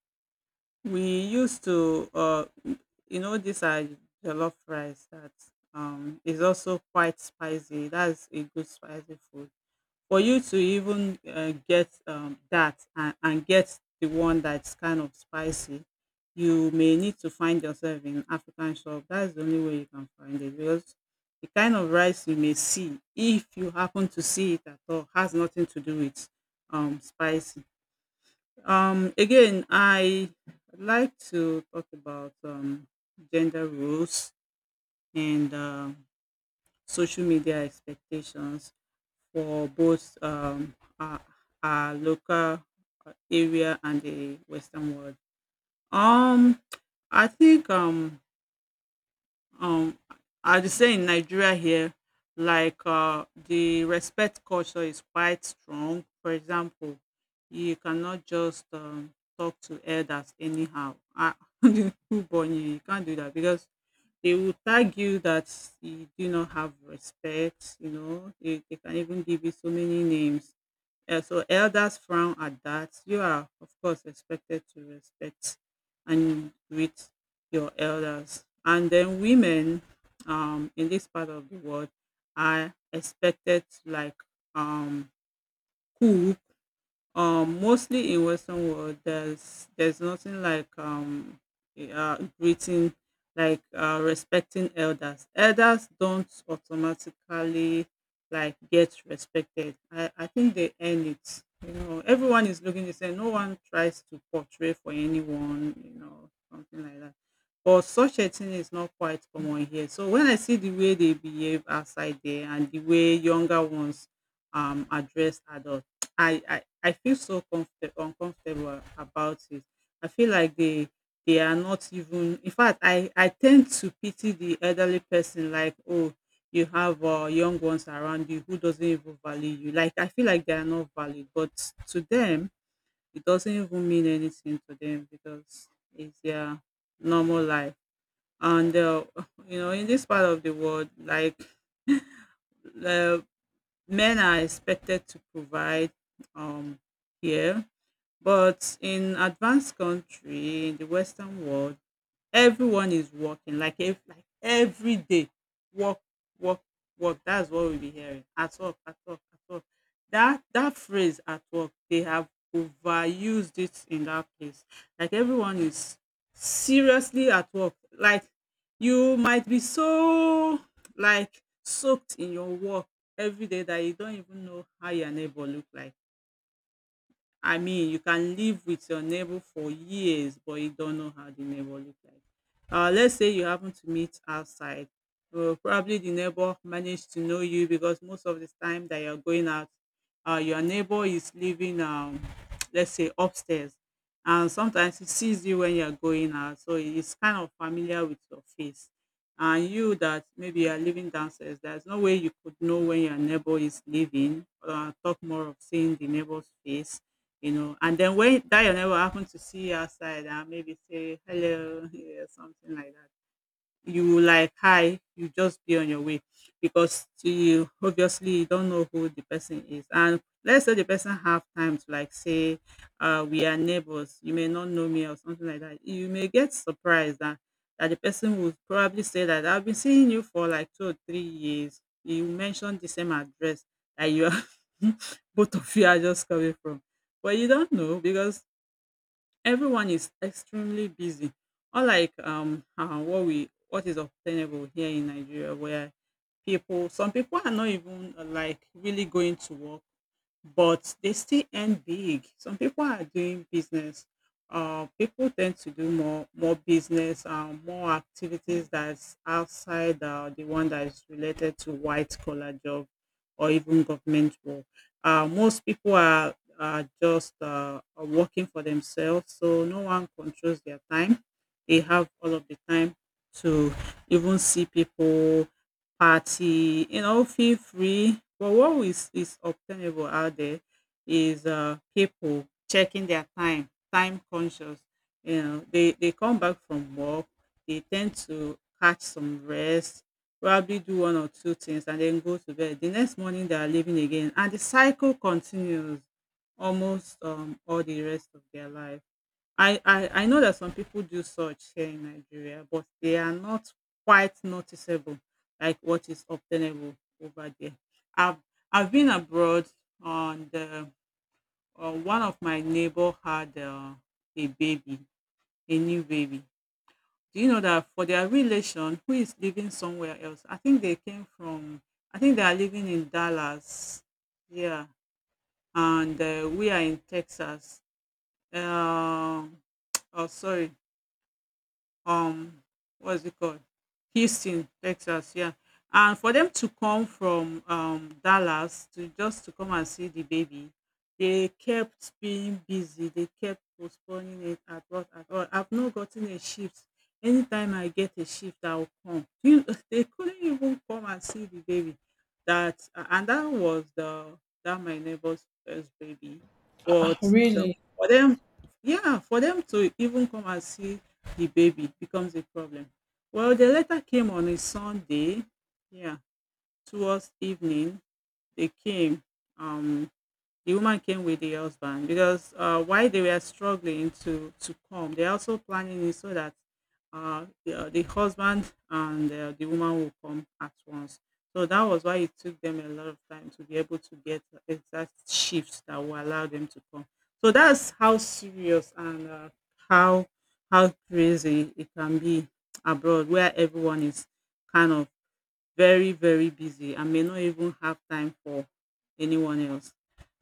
Speaker 1: we used to, uh, you know, these are jollof rice that um, is also quite spicy. That's a good spicy food. For you to even uh, get um, that and, and get the one that's kind of spicy, you may need to find yourself in African shop. That's the only way you can find it because the kind of rice you may see, if you happen to see it at all, has nothing to do with um, spice. Um, again, I like to talk about um, gender roles and um social media expectations for both um, our, our local uh, area and the Western world. Um, I think um, Um, I would say in Nigeria here, like uh, the respect culture is quite strong. For example, you cannot just um, talk to elders anyhow. Ah, who born you? You can't do that because they will tag you that you do not have respect. You know, they, they can even give you so many names. Yeah, so elders frown at that. You are, of course, expected to respect and greet your elders. And then women um, in this part of the world are expected to like um, cool um, mostly in Western world, there's there's nothing like um eh, uh, greeting, like uh, respecting elders. Elders don't automatically like get respected. I I think they earn it. You know, everyone is looking the same. No one tries to portray for anyone. You know, something like that. But such a thing is not quite common here. So when I see the way they behave outside there and the way younger ones um address adults. I, I I feel so comfort uncomfortable about it. I feel like they they are not even, in fact, I I tend to pity the elderly person. Like, oh, you have uh, young ones around you who doesn't even value you. Like, I feel like they are not valued, but to them it doesn't even mean anything to them because it's their normal life. And uh, you know, in this part of the world, like uh, men are expected to provide um here. But in advanced country, in the Western world, everyone is working like ev- like every day. Work, work, work. That's what we'll be hearing. At work, at work, at work. That that phrase at work, they have overused it in that place. Like everyone is seriously at work. Like you might be so like soaked in your work every day that you don't even know how your neighbor look like. I mean, you can live with your neighbor for years, but you don't know how the neighbor look like. Uh, let's say you happen to meet outside. Uh, probably the neighbor managed to know you because most of the time that you're going out, uh, your neighbor is living, um, let's say, upstairs. And sometimes he sees you when you're going out. So he's kind of familiar with your face. And you that maybe you're living downstairs, there's no way you could know when your neighbor is living. Uh, talk more of seeing the neighbor's face you know. And then when Dayo never happen to see outside and maybe say hello, yeah, something like that. You like hi, you just be on your way, because you obviously you don't know who the person is. And let's say the person have time to like say, uh we are neighbors, you may not know me or something like that. You may get surprised that that the person would probably say that I've been seeing you for like two or three years, you mentioned the same address that you are both of you are just coming from. But you don't know, because everyone is extremely busy, unlike um uh, what we what is obtainable here in Nigeria, where people some people are not even uh, like really going to work, but they still end big. Some people are doing business. Uh, people tend to do more more business, um, more activities that's outside uh, the one that is related to white collar job or even government work. Uh, most people are, are just uh, are working for themselves, so no one controls their time. They have all of the time to even see people, party, you know, feel free. But what is, is obtainable out there is, uh, people checking their time, time conscious. You know, they, they come back from work, they tend to catch some rest, probably do one or two things, and then go to bed. The next morning, they are leaving again. And the cycle continues almost um, all the rest of their life. I I I know that some people do such here in Nigeria, but they are not quite noticeable like what is obtainable over there. I've I've been abroad. On the uh, one of my neighbor had uh, a baby, a new baby. Do you know that for their relation who is living somewhere else? I think they came from, I think they are living in Dallas. Yeah, and uh, we are in Texas. Um oh, sorry, um what's it called, Houston, Texas. Yeah, and for them to come from um Dallas to just to come and see the baby, they kept being busy, they kept postponing it. "At what at all, I've not gotten a shift. Anytime I get a shift, I'll come." You- they couldn't even come and see the baby. That uh, And that was the that my neighbor's first baby. But uh,
Speaker 2: Really?
Speaker 1: for them, yeah, for them to even come and see the baby, it becomes a problem. Well, the letter came on a Sunday. Yeah, towards evening they came. Um, the woman came with the husband, because uh, while they were struggling to to come, they also planning it so that uh, the, uh, the husband and uh, the woman will come at once. So that was why it took them a lot of time to be able to get the exact shifts that will allow them to come. So that's how serious, and uh, how how crazy it can be abroad, where everyone is kind of very very busy and may not even have time for anyone else.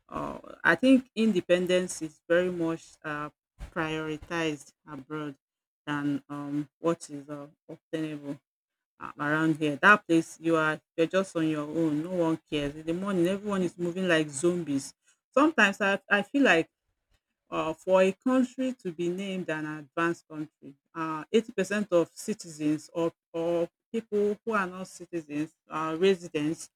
Speaker 1: Uh, I think independence is very much uh, prioritized abroad than um, what is uh, obtainable uh, around here. That place you are, you're just on your own. No one cares. In the morning, everyone is moving like zombies. Sometimes I, I feel like, uh, for a country to be named an advanced country, uh, eighty percent of citizens or, or people who are not citizens, uh, residents,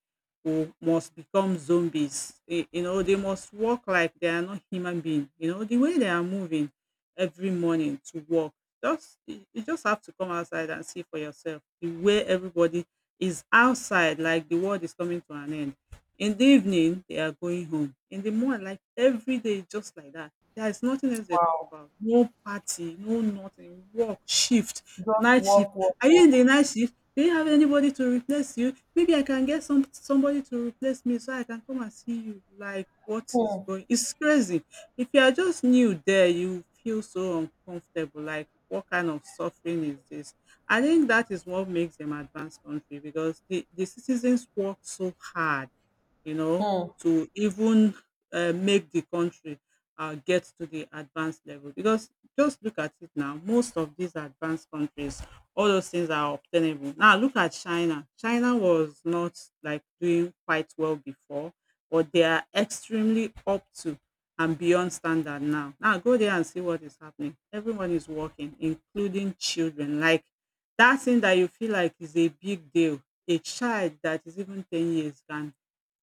Speaker 1: who must become zombies. Y- You know, they must walk like they are not human beings. You know, the way they are moving every morning to work, just you you just have to come outside and see for yourself the way everybody is outside, like the world is coming to an end. In the evening, they are going home. In the morning, like every day, just like that, there is nothing else they talk
Speaker 2: Wow.
Speaker 1: about. No party, no nothing. Work, shift,
Speaker 2: Just
Speaker 1: night shift.
Speaker 2: walk, walk,
Speaker 1: Are you in
Speaker 2: walk.
Speaker 1: the night shift? Do you have anybody to replace you? Maybe I can get some somebody to replace me so I can come and see you. Like what
Speaker 2: Hmm.
Speaker 1: is going? It's crazy. If you are just new there, you feel so uncomfortable. Like, what kind of suffering is this? I think that is what makes them advanced country, because the, the citizens work so hard, you know,
Speaker 2: Hmm.
Speaker 1: to even uh, make the country uh, get to the advanced level. Because just look at it now, most of these advanced countries, all those things are obtainable. Now look at China. China was not like doing quite well before, but they are extremely up to and beyond standard now. Now go there and see what is happening. Everyone is working, including children. Like that thing that you feel like is a big deal, a child that is even ten years can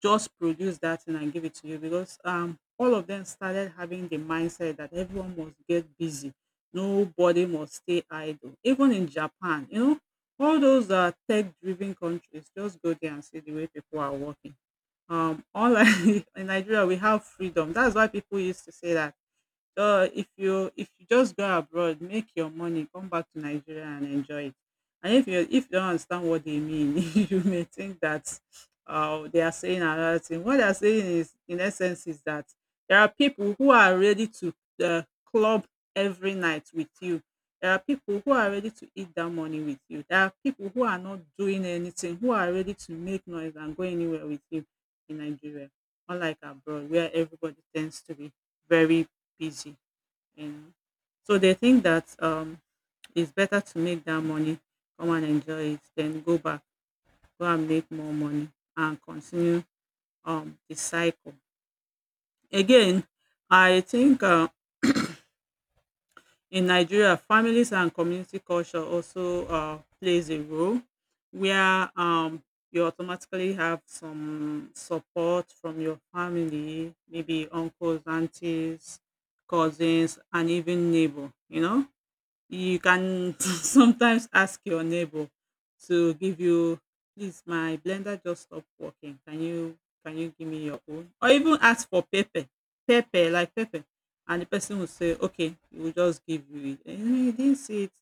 Speaker 1: just produce that thing and give it to you, because um all of them started having the mindset that everyone must get busy, nobody must stay idle. Even in Japan, you know, all those uh, tech driven countries, just go there and see the way people are working. Um all I, in Nigeria we have freedom, that's why people used to say that, so if you if you just go abroad, make your money, come back to Nigeria and enjoy it. And if you if you don't understand what they mean, you may think that uh, they are saying another thing. What they are saying is, in essence, is that there are people who are ready to uh, club every night with you. There are people who are ready to eat that money with you. There are people who are not doing anything, who are ready to make noise and go anywhere with you in Nigeria, unlike abroad, where everybody tends to be very busy, you know. So they think that um, it's better to make that money, come and enjoy it, then go back, go and make more money, and continue um, the cycle. Again, I think uh, in Nigeria, families and community culture also uh, plays a role, where um, you automatically have some support from your family, maybe uncles, aunties, cousins, and even neighbor. You know, you can sometimes ask your neighbor to give you, "Please, my blender just stopped working. Can you can you give me your own?" Or even ask for pepper, pepper, like pepper, and the person will say, "Okay, we'll just give you it." And you didn't see it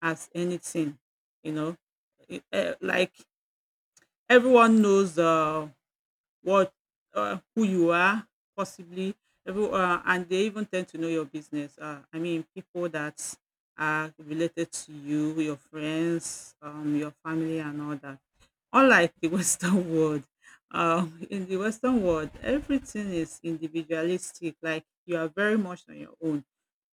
Speaker 1: as anything, you know. It, eh, like everyone knows uh, what uh, who you are, possibly every, uh, and they even tend to know your business. uh, I mean, people that are related to you, your friends, um, your family and all that. Unlike the Western world, um, in the Western world everything is individualistic, like you are very much on your own.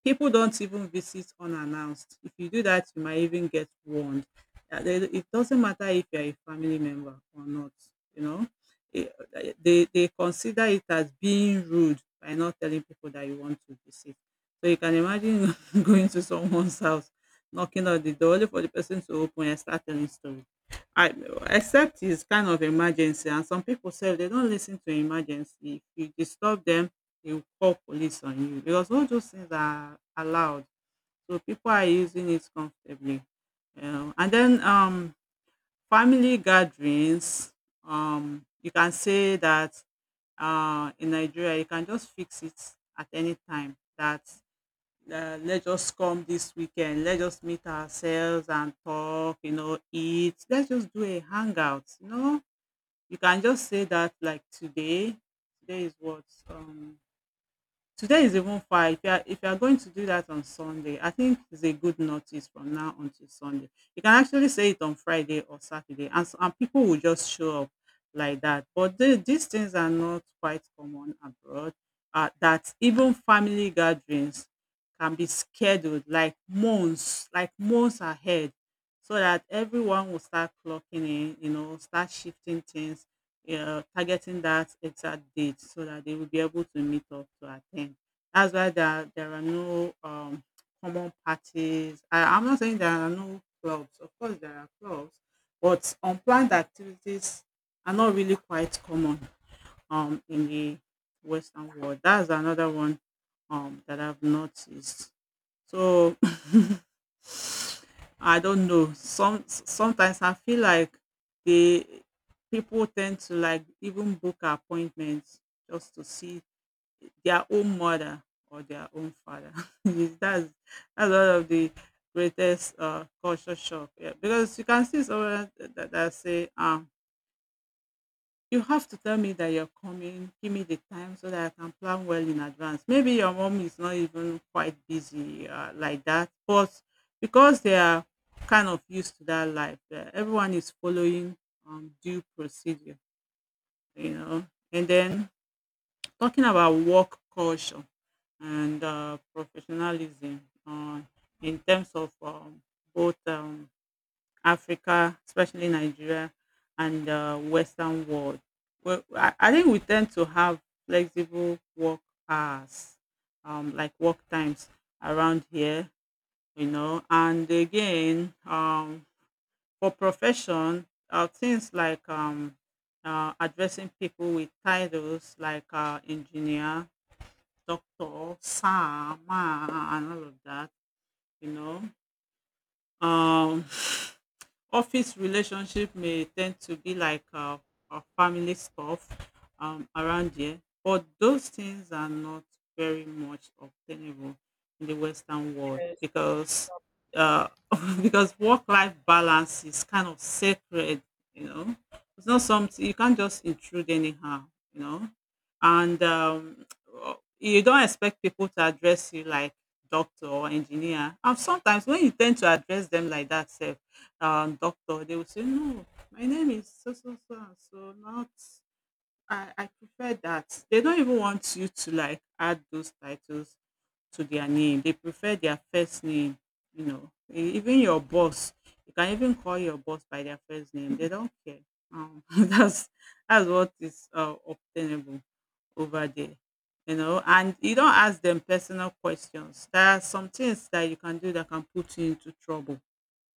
Speaker 1: People don't even visit unannounced. If you do that, you might even get warned. Uh, they- It doesn't matter if you're a family member or not, you know. Eh, eh, They, they consider it as being rude by not telling people that you want to visit. So you can imagine going to someone's house, knocking on the door, only for the person to open and start telling stories. I except it's kind of emergency and some pipu sef dey don't lis ten to emergency. If you disturb dem, dey will call police on you because all those things are allowed. So pipu are using it comfortably. um And then um family gatherings, um you can say that um in Nigeria you can just fix it at any time that uh, let's just come this weekend. Let's just meet ourselves and talk, you know, eat. Let's just do a hangout, you know. You can just say that like today. Today is what? Um Today is even far. If you are if you are going to do that on Sunday, I think it's a good notice from now until Sunday. You can actually say it on Friday or Saturday, and s- and people will just show up like that. But the, these things are not quite common abroad. Uh, that even family gatherings can be scheduled like months, like months ahead, so that everyone will start clocking in. You know, start shifting things, yeah, targeting that exact date so that they will be able to meet up to attend. That's why there, there are no um, common parties. I, I'm not saying there are no clubs. Of course, there are clubs, but unplanned activities are not really quite common um, in the Western world. That's another one um, that I've noticed. So I don't know. Some sometimes I feel like they people tend to like even book appointments just to see their own mother or their own father. Yes, that's that's one of the greatest uh, culture shock. Yeah, because you can see someone that, that say, um, you have to tell me that you're coming, give me the time so that I can plan well in advance. Maybe your mom is not even quite busy uh, like that, but because they are kind of used to that life, uh, everyone is following um, due procedure, you know. And then talking about work culture and uh, professionalism uh, in terms of um, both um, Africa, especially Nigeria and uh, Western world. Well, I, I think we tend to have flexible work hours, um, like work times around here, you know. And again, um, for profession, uh, things like um, uh, addressing people with titles like uh, engineer, doctor, sir, ma, and all of that, you know. Um, Office relationship may tend to be like uh, uh, family stuff um, around here, but those things are not very much obtainable in the Western world because uh, because work-life balance is kind of sacred. You know, it's not something you can't just intrude anyhow. You know, and um, you don't expect people to address you like doctor or engineer. And sometimes when you tend to address them like that, sef, uh, doctor, they will say, No, my name is so so so and so, not I, I prefer that. They don't even want you to like add those titles to their name. They prefer their first name, you know. E- Even your boss, you can even call your boss by their first name. They don't care. Um, that's that's what is uh, obtainable over there, you know. And you don't ask them personal questions. There are some things that you can do that can put you into trouble.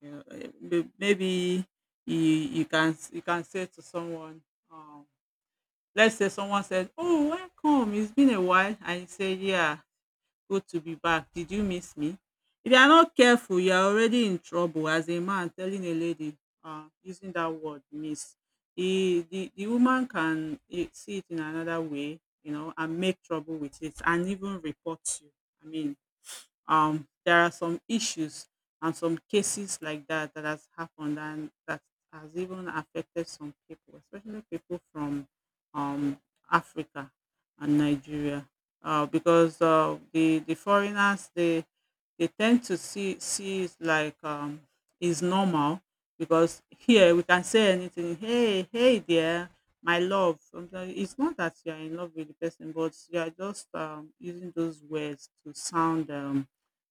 Speaker 1: You know, eh, may- maybe you you can s- you can say to someone, um, let's say someone says, "Oh, welcome! It's been a while," and you say, "Yeah, good to be back. Did you miss me?" If you are not careful, you are already in trouble as a man telling a lady uh, using that word "miss." The, the the woman can eh, see it in another way, you know, and make trouble with it, and even report you. I mean, um, there are some issues and some cases like that that has happened and that has even affected some people, especially people from um, Africa and Nigeria, uh, because uh, the the foreigners they they tend to see see it like um, is normal because here we can say anything. Hey, hey there, my love. Sometimes it's not that you are in love with the person, but you are just um, using those words to sound um,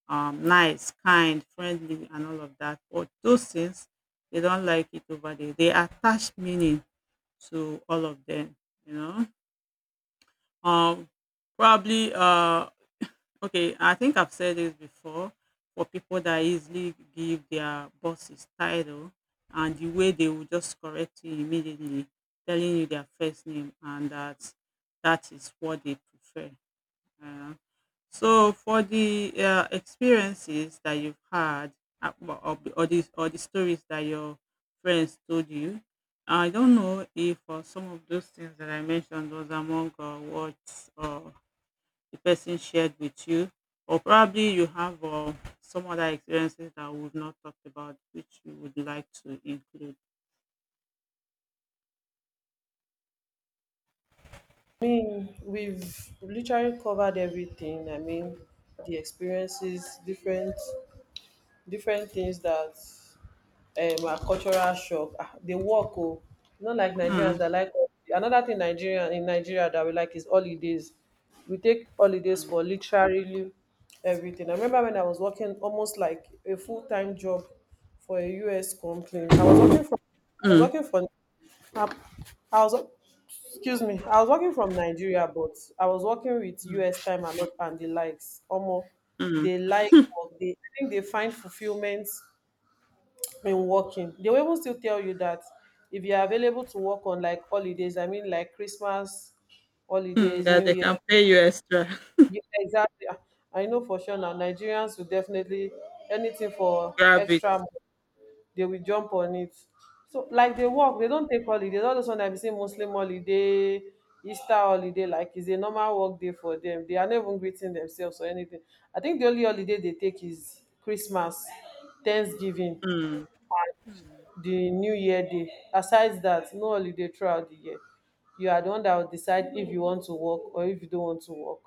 Speaker 1: um, nice, kind, friendly, and all of that. But those things, they don't like it over there. They attach meaning to all of them, you know. Um, probably, uh, okay, I think I've said this before for people that easily give their bosses title and the way they will just correct you immediately, telling you their first name, and that that is what they prefer. Uh, so for the uh, experiences that you've had uh, or, or the or the or the stories that your friends told you, I don't know if uh, some of those things that I mentioned was among uh, what uh, the person shared with you, or probably you have uh, some other experiences that we've not talked about, which you would like to include.
Speaker 2: I mean, we've literally covered everything. I mean, the experiences, different different things that um are cultural shock. Ah, they work, oh. Not like Nigerians
Speaker 1: Mm,
Speaker 2: that like another thing, Nigeria in Nigeria that we like is holidays. We take holidays for literally everything. I remember when I was working almost like a full time job for a U S company. I was working for I was
Speaker 1: mm,
Speaker 2: working for I I was Excuse me. I was working from Nigeria, but I was working with
Speaker 1: mm,
Speaker 2: U S time and, not- and the likes. Omo, they
Speaker 1: mm,
Speaker 2: like, or they I think they find fulfillment in working. They will even still tell you that if you are available to work on like holidays, I mean like Christmas
Speaker 1: mm.
Speaker 2: holidays,
Speaker 1: That
Speaker 2: New
Speaker 1: they
Speaker 2: Year.
Speaker 1: can pay you extra.
Speaker 2: Yeah, exactly. I know for sure now Nigerians will definitely anything for
Speaker 1: Grab it.
Speaker 2: extra money, they will jump on it. So like they work, they don't take holidays. All those one I be saying Muslim holiday, Easter holiday, like it's a normal work day for them. They are not even greeting themselves or anything. I think the only holiday they take is Christmas, Thanksgiving,
Speaker 1: Mm,
Speaker 2: the New Year day. Aside that, no holiday throughout the year. You are the one that will decide if you want to work or if you don't want to work.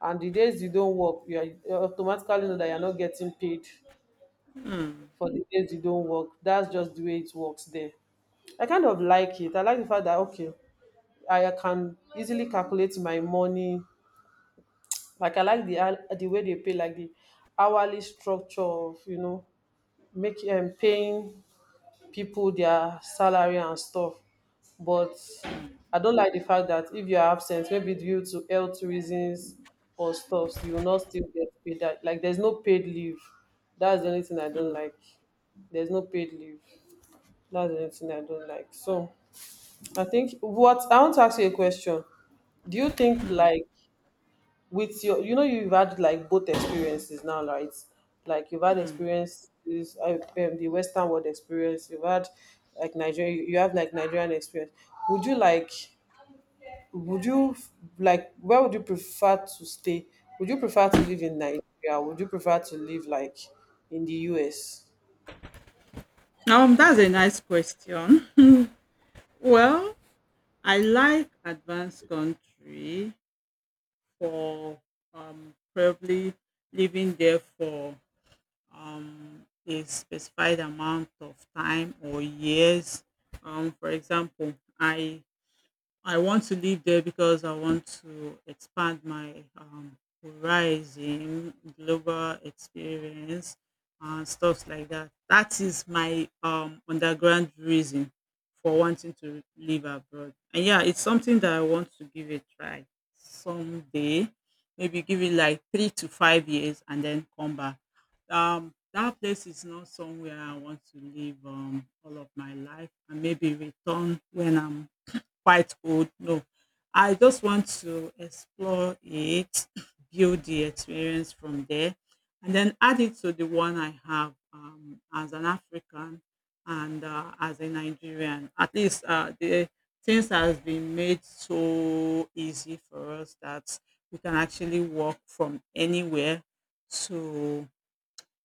Speaker 2: And the days you don't work, you are you automatically know that you're not getting paid
Speaker 1: mm,
Speaker 2: for the days you don't work. That's just the way it works there. I kind of like it. I like the fact that okay, I can easily calculate my money. Like I like the hou- the way they pay, like the hourly structure of you know making um, paying people their salary and stuff. But
Speaker 1: mm,
Speaker 2: I don't like the fact that if you're absent, maybe due to health reasons or stuff, you will not still get paid. That like there's no paid leave. That's the only thing I don't
Speaker 1: mm,
Speaker 2: like. There's no paid leave. That's the only thing I don't like. So. I think what I want to ask you a question. Do you think
Speaker 1: mm.
Speaker 2: like with your you know you've had like both experiences now, right? Like you've had
Speaker 1: Hmm.
Speaker 2: experiences uh, um, the Western world experience, you've had like Nigeria you you have like Nigerian experience. Would you like would you like where would you prefer to stay? Would you prefer to live in Nigeria? Would you prefer to live like in the U S?
Speaker 1: Um, that's a nice question. Well, I like advanced country for um, probably living there for um, a specified amount of time or years. Um, for example, I I want to live there because I want to expand my um, horizon, global experience, and stuff like that. That is my um, underground reason for wanting to live abroad. And yeah, it's something that I want to give a try someday. Maybe give it like three to five years and then come back. Um, that place is not somewhere I want to live um, all of my life and maybe return when I'm quite old, no. I just want to explore it, build the experience from there, and then add it to the one I have um, as an African and uh, as a Nigerian. At least uh, the things has been made so easy for us that we can actually work from anywhere to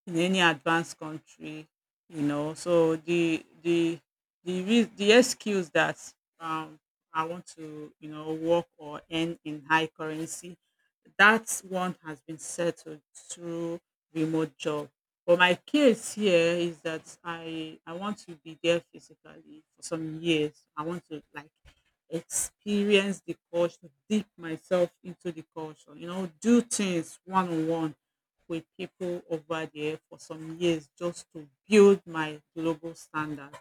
Speaker 1: in any advanced country you know so the the the rea- the excuse that um i want to you know work or earn in high currency, that one has been settled through remote job. But my case here is that i i want to be there physically for some years. I want to like experience the culture, dip myself into the culture you know do things one on one with people over there for some years, just to build my global standard.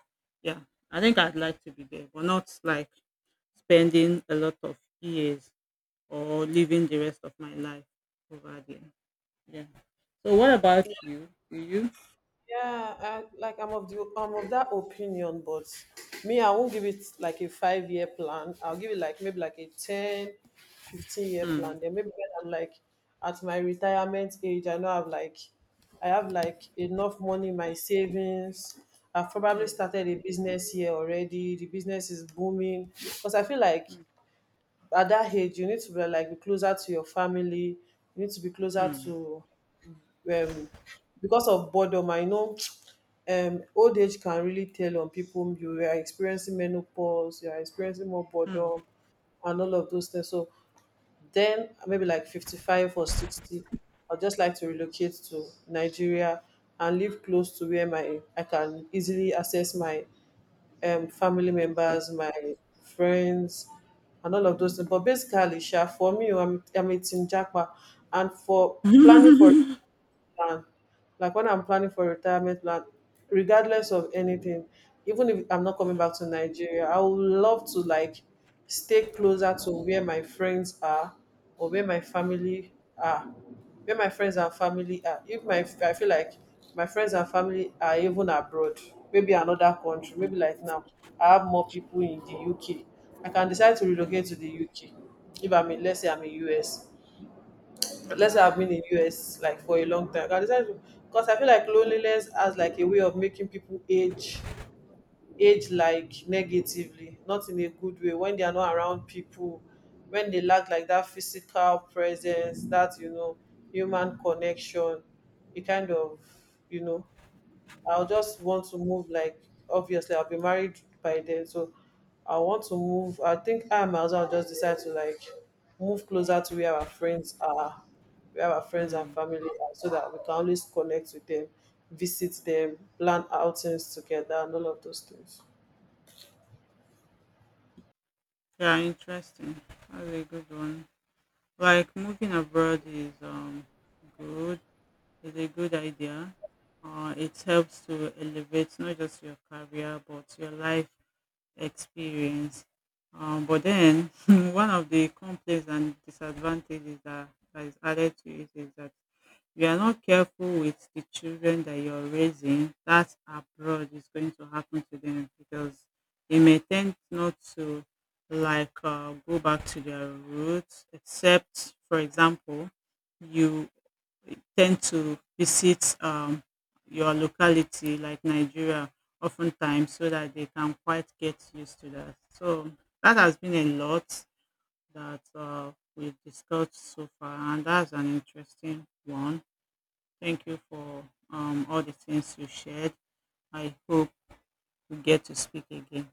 Speaker 1: Yeah, I think I'd like to be there, but not like spending a lot of years or living the rest of my life over there. Yeah. So what about you? Do you?
Speaker 2: Yeah, I, like I'm of the I'm of that opinion, but me, I won't give it like a five year plan. I'll give it like maybe like a ten fifteen year
Speaker 1: Mm.
Speaker 2: plan. Then maybe when I'm like at my retirement age, I know I've like I have like enough money in my savings. I've probably
Speaker 1: Mm.
Speaker 2: started a business here already. The business is booming. Because I feel like at that age you need to be like be closer to your family. You need to be closer
Speaker 1: Mm.
Speaker 2: to um because of boredom. I know um old age can really tell on people. You are experiencing menopause, you are experiencing more boredom,
Speaker 1: Mm.
Speaker 2: and all of those things. So then maybe like fifty-five or sixty I'd just like to relocate to Nigeria and live close to where my I can easily access my um, family
Speaker 1: People.
Speaker 2: members, my friends, and all of those things. But basically sha, for me, i'm, I'm a team jackpot. And for planning for plan like when I'm planning for retirement plan, regardless of anything, even if I'm not coming
Speaker 1: Mm,
Speaker 2: back to Nigeria, I would love to like stay closer to where my friends are or where my
Speaker 1: mm,
Speaker 2: family are, where my friends and family are. If my I feel like my friends and family are even abroad, maybe another country,
Speaker 1: mm,
Speaker 2: maybe like now I have more people in the U K, I can decide to
Speaker 1: mm,
Speaker 2: relocate to the U K. If I'm in let's say I'm in us Let's say
Speaker 1: mm,
Speaker 2: I've been in U S like for a long time. I decided to, because I feel like loneliness has like a way of making people age age like negatively, not in a good way. When they are not around people, when they lack like that physical presence, that you know, human connection, it kind of you know I'll just want to move like obviously I'll be married by then, so I want to move. I think I might as well just decide to like move closer to where our friends are, where our friends and
Speaker 1: mm.
Speaker 2: family are, so that we can always connect with them, visit them, plan outings together, and all of those things.
Speaker 1: Yeah, interesting. That's a good one. Like moving abroad is um good is a good idea. Uh, it helps to elevate not just your career but your life experience. Um, but then one of the complaints and disadvantages that, that is added to it is that you are not careful with the children that you're raising, that abroad is going to happen to them because they may tend not to like uh, go back to their roots, except, for example, you tend to visit um, your locality like Nigeria oftentimes so that they can quite get used to that. So that has been a lot that uh, we've discussed so far, and that's an interesting one. Thank you for um, all the things you shared. I hope we get to speak again.